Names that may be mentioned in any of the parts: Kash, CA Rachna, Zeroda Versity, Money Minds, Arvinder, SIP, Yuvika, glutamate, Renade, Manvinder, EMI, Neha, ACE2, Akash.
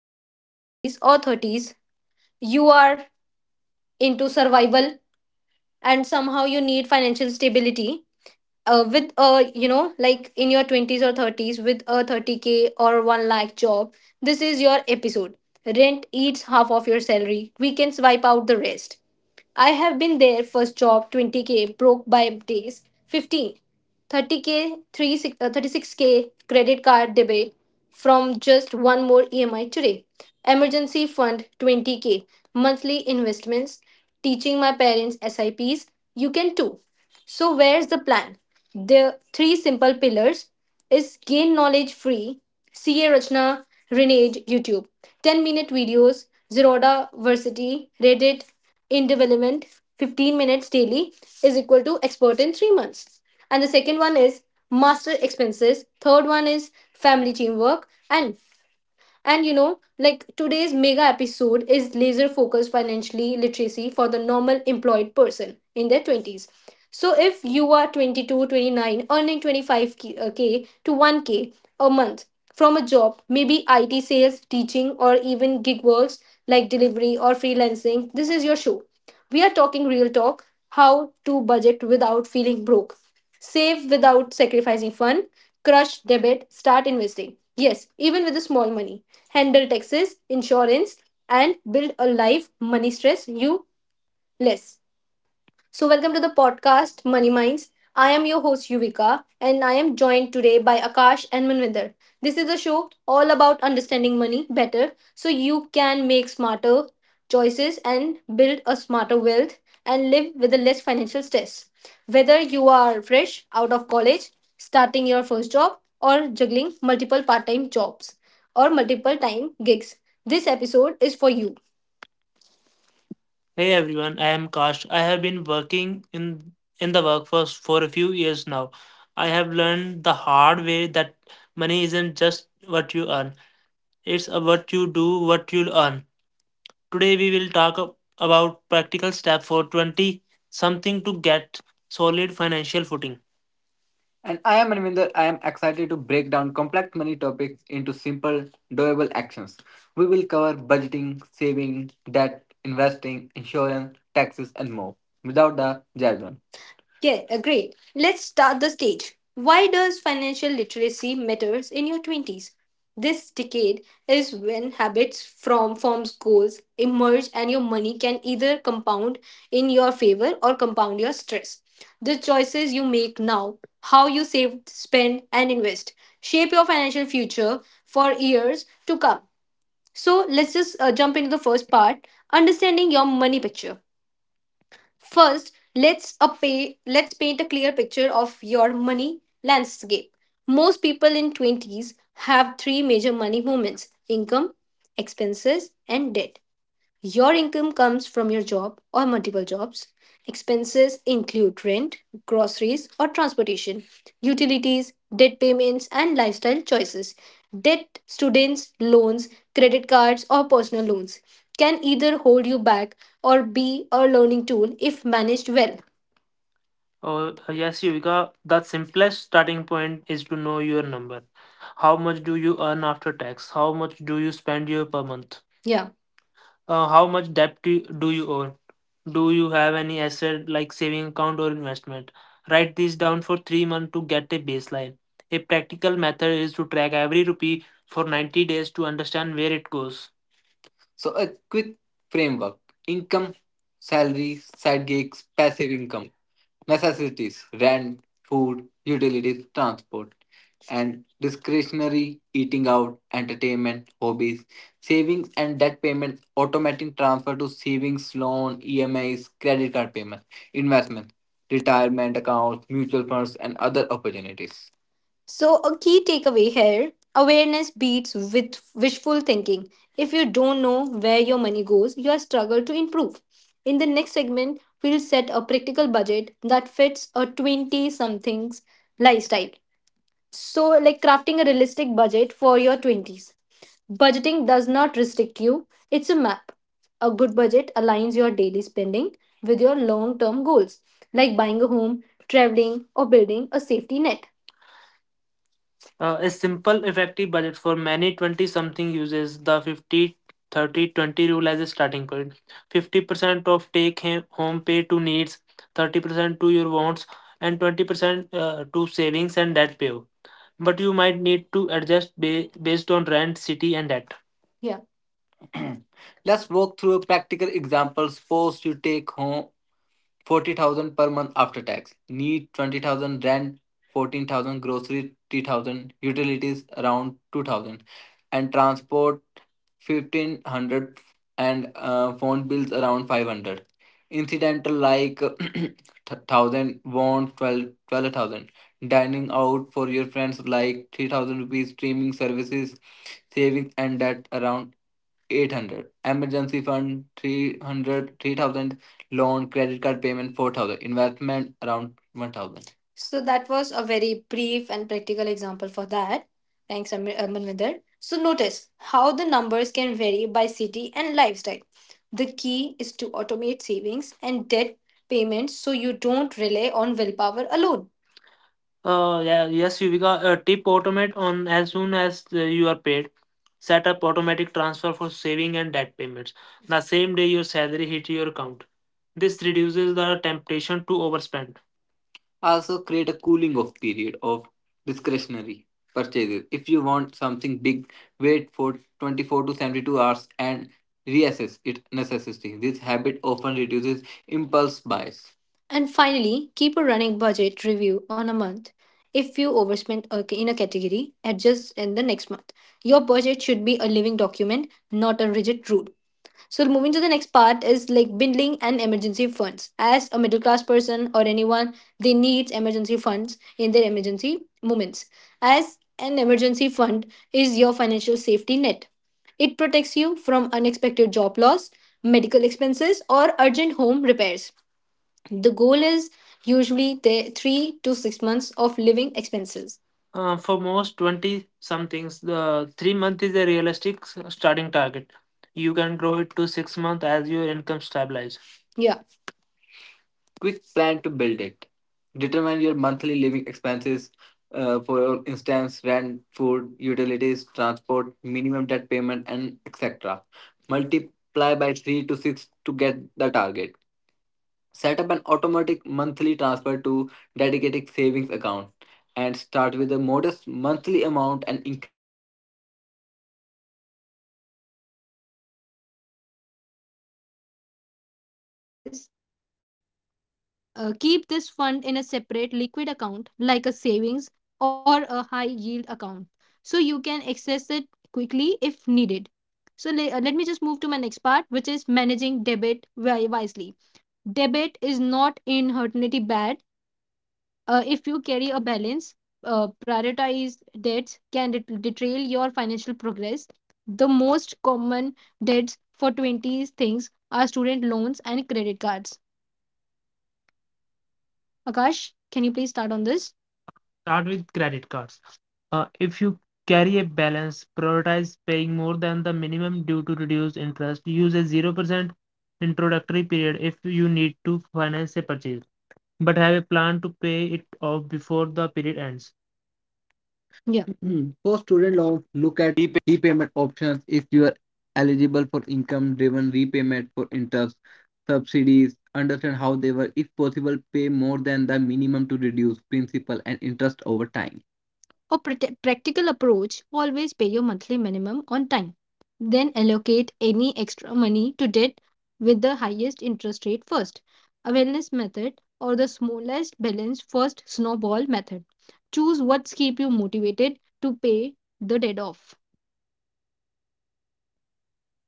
In your twenties or thirties, you are into survival and somehow you need financial stability with a like in your 20s or 30s with a 30K or 1 lakh job. This is your episode. Rent eats half of your salary. We can swipe out the rest. I have been there. First job 20K, broke by days 15, 30K, 36, 36K credit card debit from just one more EMI today. Emergency fund 20K, monthly investments, teaching my parents SIPs. You can too. So, where's the plan? The three simple pillars is gain knowledge free. CA Rachna, Renade, YouTube. 10 minute videos, Zeroda Versity, Reddit, in development, 15 minutes daily is equal to expert in 3 months. And the second one is master expenses. Third one is family teamwork. And like today's mega episode is laser focused financially literacy for the normal employed person in their 20s. So if you are 22, 29, earning 25K K to 1K a month from a job, maybe IT sales, teaching, or even gig works like delivery or freelancing, this is your show. We are talking real talk, how to budget without feeling broke, save without sacrificing fun, crush debit, start investing. Yes, even with the small money. Handle taxes, insurance, and build a life money stress you less. So, welcome to the podcast Money Minds. I am your host Yuvika, and I am joined today by Akash and Manvinder. This is a show all about understanding money better so you can make smarter choices and build a smarter wealth and live with a less financial stress. Whether you are fresh out of college, starting your first job, or juggling multiple part time jobs or multiple time gigs, this episode is for you. Hey everyone, I am Kash. I have been working in the workforce for a few years now. I have learned the hard way that money isn't just what you earn. It's a what you do, what you'll earn. Today we will talk about practical step for 20 something to get solid financial footing. And I am Arvinder. I am excited to break down complex money topics into simple, doable actions. We will cover budgeting, saving, debt, investing, insurance, taxes, and more without the jargon. Yeah, agreed. Let's start the stage. Why does financial literacy matters in your 20s? This decade is when habits from forms goals emerge and your money can either compound in your favor or compound your stress. The choices you make now, how you save, spend and invest shape your financial future for years to come. So, let's just jump into the first part, understanding your money picture. First, let's paint a clear picture of your money landscape. Most people in 20s have three major money movements: income, expenses, and debt. Your income comes from your job or multiple jobs. Expenses include rent, groceries or transportation, utilities, debt payments, and lifestyle choices. Debt, students, loans, credit cards, or personal loans can either hold you back or be a learning tool if managed well. Oh, yes, Yuvika, the simplest starting point is to know your number. How much do you earn after tax? How much do you spend your per month? Yeah. How much debt do you own? Do you have any asset like saving account or investment? Write this down for 3 months to get a baseline. A practical method is to track every rupee for 90 days to understand where it goes. So, a quick framework income, salary, side gigs, passive income, necessities, rent, food, utilities, transport, and discretionary eating out, entertainment, hobbies, savings and debt payments, automatic transfer to savings, loan, EMIs, credit card payments, investment, retirement accounts, mutual funds, and other opportunities. So, a key takeaway here, awareness beats with wishful thinking. If you don't know where your money goes, you struggle to improve. In the next segment, we'll set a practical budget that fits a 20 somethings lifestyle. So, like crafting a realistic budget for your 20s. Budgeting does not restrict you, it's a map. A good budget aligns your daily spending with your long term goals, like buying a home, traveling, or building a safety net. A simple, effective budget for many 20 something uses the 50, 30, 20 rule as a starting point. 50% of take home pay to needs, 30% to your wants, and 20% to savings and debt payoff. But you might need to adjust based on rent, city, and debt. Yeah. Let's walk through practical examples. Suppose you take home 40,000 per month after tax. Need 20,000 rent, 14,000 grocery, 3,000 utilities around 2,000 and transport 1,500 and phone bills around 500. Incidental like 1,000 won 12 12,000. Dining out for your friends like 3,000 rupees, streaming services, savings and debt around 800 emergency fund 300, 3,000 loan credit card payment 4,000 investment around 1,000. So that was a very brief and practical example for that. Thanks, Manvinder. So notice how the numbers can vary by city and lifestyle. The key is to automate savings and debt payments so you don't rely on willpower alone. Yeah, yes, you because tip automate on as soon as you are paid. Set up automatic transfer for saving and debt payments. The same day your salary hit your account. This reduces the temptation to overspend. Also, create a cooling off period of discretionary purchases. If you want something big, wait for 24 to 72 hours and reassess its necessity. This habit often reduces impulse buys. And finally, keep a running budget review on a month. If you overspent in a category, adjust in the next month. Your budget should be a living document, not a rigid rule. So moving to the next part is like bindling and emergency funds. As a middle class person or anyone, they need emergency funds in their emergency moments. As an emergency fund is your financial safety net. It protects you from unexpected job loss, medical expenses, or urgent home repairs. The goal is usually the 3 to 6 months of living expenses. For most 20 somethings, the 3 month is a realistic starting target. You can grow it to 6 months as your income stabilizes. Yeah. Quick plan to build it. Determine your monthly living expenses. For instance, rent, food, utilities, transport, minimum debt payment, and etc. Multiply by three to six to get the target. Set up an automatic monthly transfer to dedicated savings Is keep this fund in a separate liquid account, like a savings or a high yield account, so you can access it quickly if needed. So let me just move to my next part, which is managing debit very wisely. Debit is not inherently bad. If you carry a balance, prioritize debts can derail your financial progress. The most common debts for 20s things are student loans and credit cards. Akash, can you please start on this? Start with credit cards. If you carry a balance, prioritize paying more than the minimum due to reduce interest. Use a 0% introductory period if you need to finance a purchase, but have a plan to pay it off before the period ends. Yeah. Mhm. For student loans, look at repayment options if you are eligible for income driven repayment for interest, subsidies. Understand how they work. If possible, pay more than the minimum to reduce principal and interest over time, or practical approach, always pay your monthly minimum on time. Then allocate any extra money to debt with the highest interest rate first. Awareness method or the smallest balance first snowball method. Choose what keep you motivated to pay the debt off.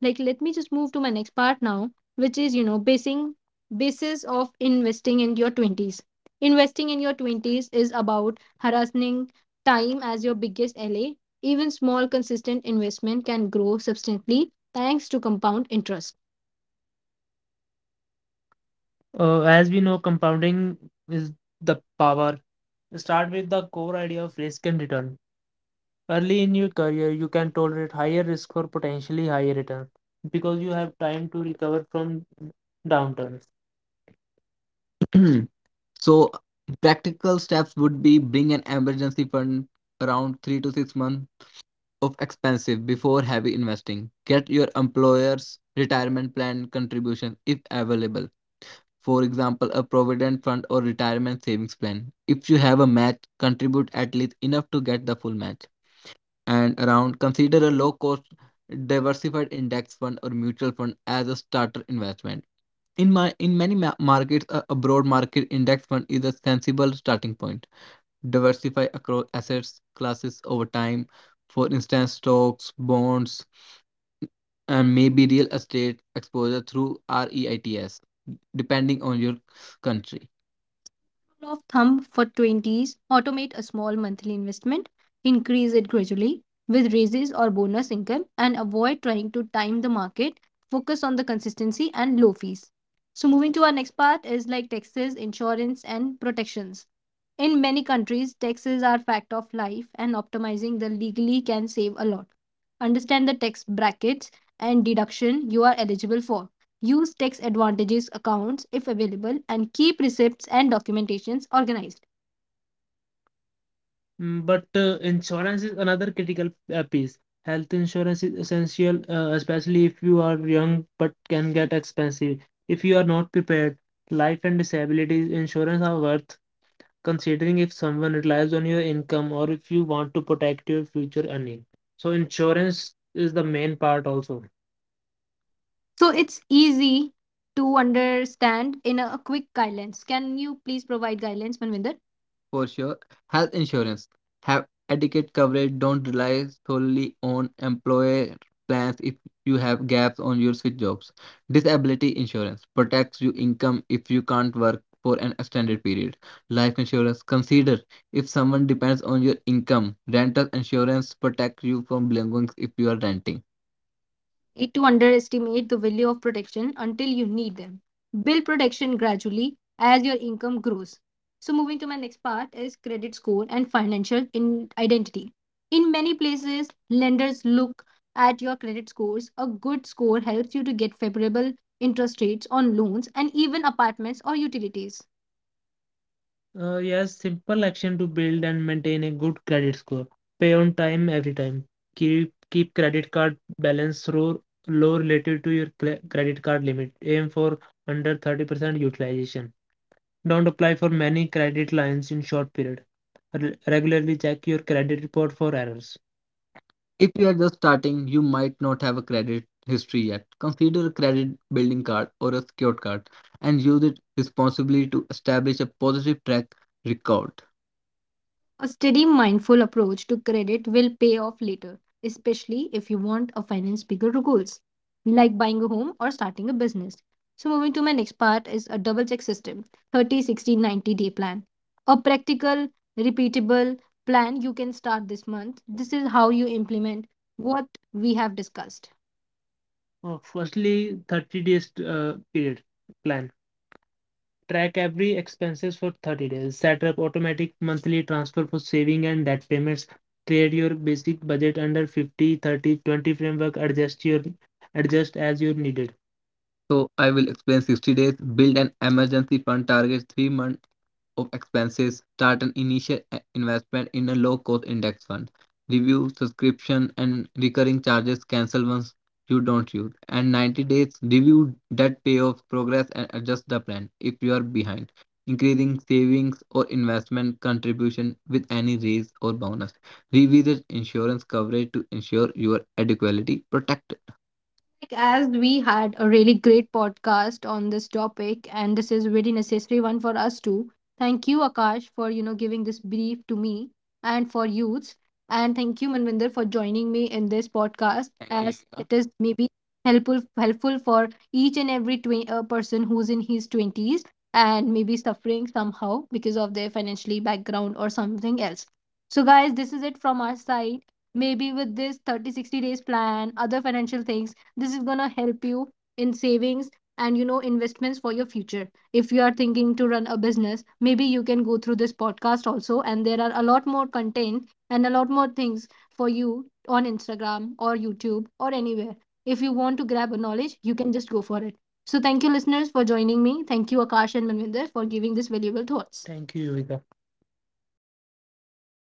Like, let me just move to my next part now, which is basing basis of investing in your 20s. Investing in your 20s is about harassing time as your biggest la even small consistent investment can grow substantially thanks to compound interest. As we know, compounding is the power. Start with the core idea of risk and return. Early in your career, you can tolerate higher risk for potentially higher return because you have time to recover from downturn. Hmm. So practical steps would be bring an emergency fund around 3 to 6 months of expensive before heavy investing. Get your employer's retirement plan contribution if available. For example, a provident fund or retirement savings plan. If you have a match, contribute at least enough to get the full match, and around consider a low cost diversified index fund or mutual fund as a starter investment in many markets. A broad market index fund is a sensible starting point. Diversify across assets classes over time, for instance stocks, bonds, and maybe real estate exposure through REITs depending on your country. Rule of thumb for 20s, automate a small monthly investment, increase it gradually with raises or bonus income, and avoid trying to time the market. Focus on the consistency and low fees. So, moving to our next part is like taxes, insurance, and protections. In many countries, taxes are fact of life, and optimizing the legally can save a lot. Understand the tax brackets and deduction you are eligible for. Use tax advantages accounts if available and keep receipts and documentations organized. But insurance is another critical piece. Health insurance is essential, especially if you are young but can get expensive. If you are not prepared, life and disability insurance are worth considering if someone relies on your income or if you want to protect your future earning. So, insurance is the main part also. So it's easy to understand in a quick guidelines. Can you please provide guidelines, Manvinder? For sure, health insurance. Have adequate coverage. Don't rely solely on employer plans if you have gaps on your switch jobs. Disability insurance protects your income if you can't work for an extended period. Life insurance. Consider if someone depends on your income. Rental insurance protects you from belongings if you are renting need to underestimate the value of protection until you need them. Build protection gradually as your income grows. So, moving to my next part is credit score and financial in identity. In many places, lenders look at your credit scores. A good score helps you to get favorable interest rates on loans and even apartments or utilities. Yes, simple action to build and maintain a good credit score. Pay on time every time. Keep credit card balance low relative to your credit card limit. Aim for under 30% utilization. Don't apply for many credit lines in short period. Regularly check your credit report for errors. If you are just starting, you might not have a credit history yet. Consider a credit building card or a secured card and use it responsibly to establish a positive track record. A steady, mindful approach to credit will pay off later, especially if you want a finance bigger goals, like buying a home or starting a business. So, moving to my next part is a double check system 30, 60, 90-day plan. A practical, repeatable plan you can start this month. This is how you implement what we have discussed. Firstly, 30 days period plan. Track every expenses for 30 days. Set up automatic monthly transfer for saving and debt payments. Create your basic budget under 50, 30, 20 framework. Adjust as you needed. So I will explain 60 days, build an emergency fund, target 3 months of expenses, start an initial investment in a low cost index fund, review subscription and recurring charges, cancel once you don't use, and 90 days review debt payoff progress and adjust the plan if you are behind, increasing savings or investment contribution with any raise or bonus, revisit insurance coverage to ensure your adequately protected. Like, as we had a really great podcast on this topic, and this is very necessary one for us too. Thank you, Akash, for giving this brief to me and for youths, and thank you, Manvinder, for joining me in this podcast. Thank you, as Neha. It is maybe helpful for each and every person who's in his twenties and maybe suffering somehow because of their financially background or something else. So, guys, this is it from our side. Maybe with this 30-60 days plan, other financial things, this is going to help you in savings and investments for your future. If you are thinking to run a business, maybe you can go through this podcast also. And there are a lot more content and a lot more things for you on Instagram or YouTube or anywhere. If you want to grab a knowledge, you can just go for it. So thank you, listeners, for joining me. Thank you, Akash and Manvinder, for giving this valuable thoughts. Thank you, Yuvika.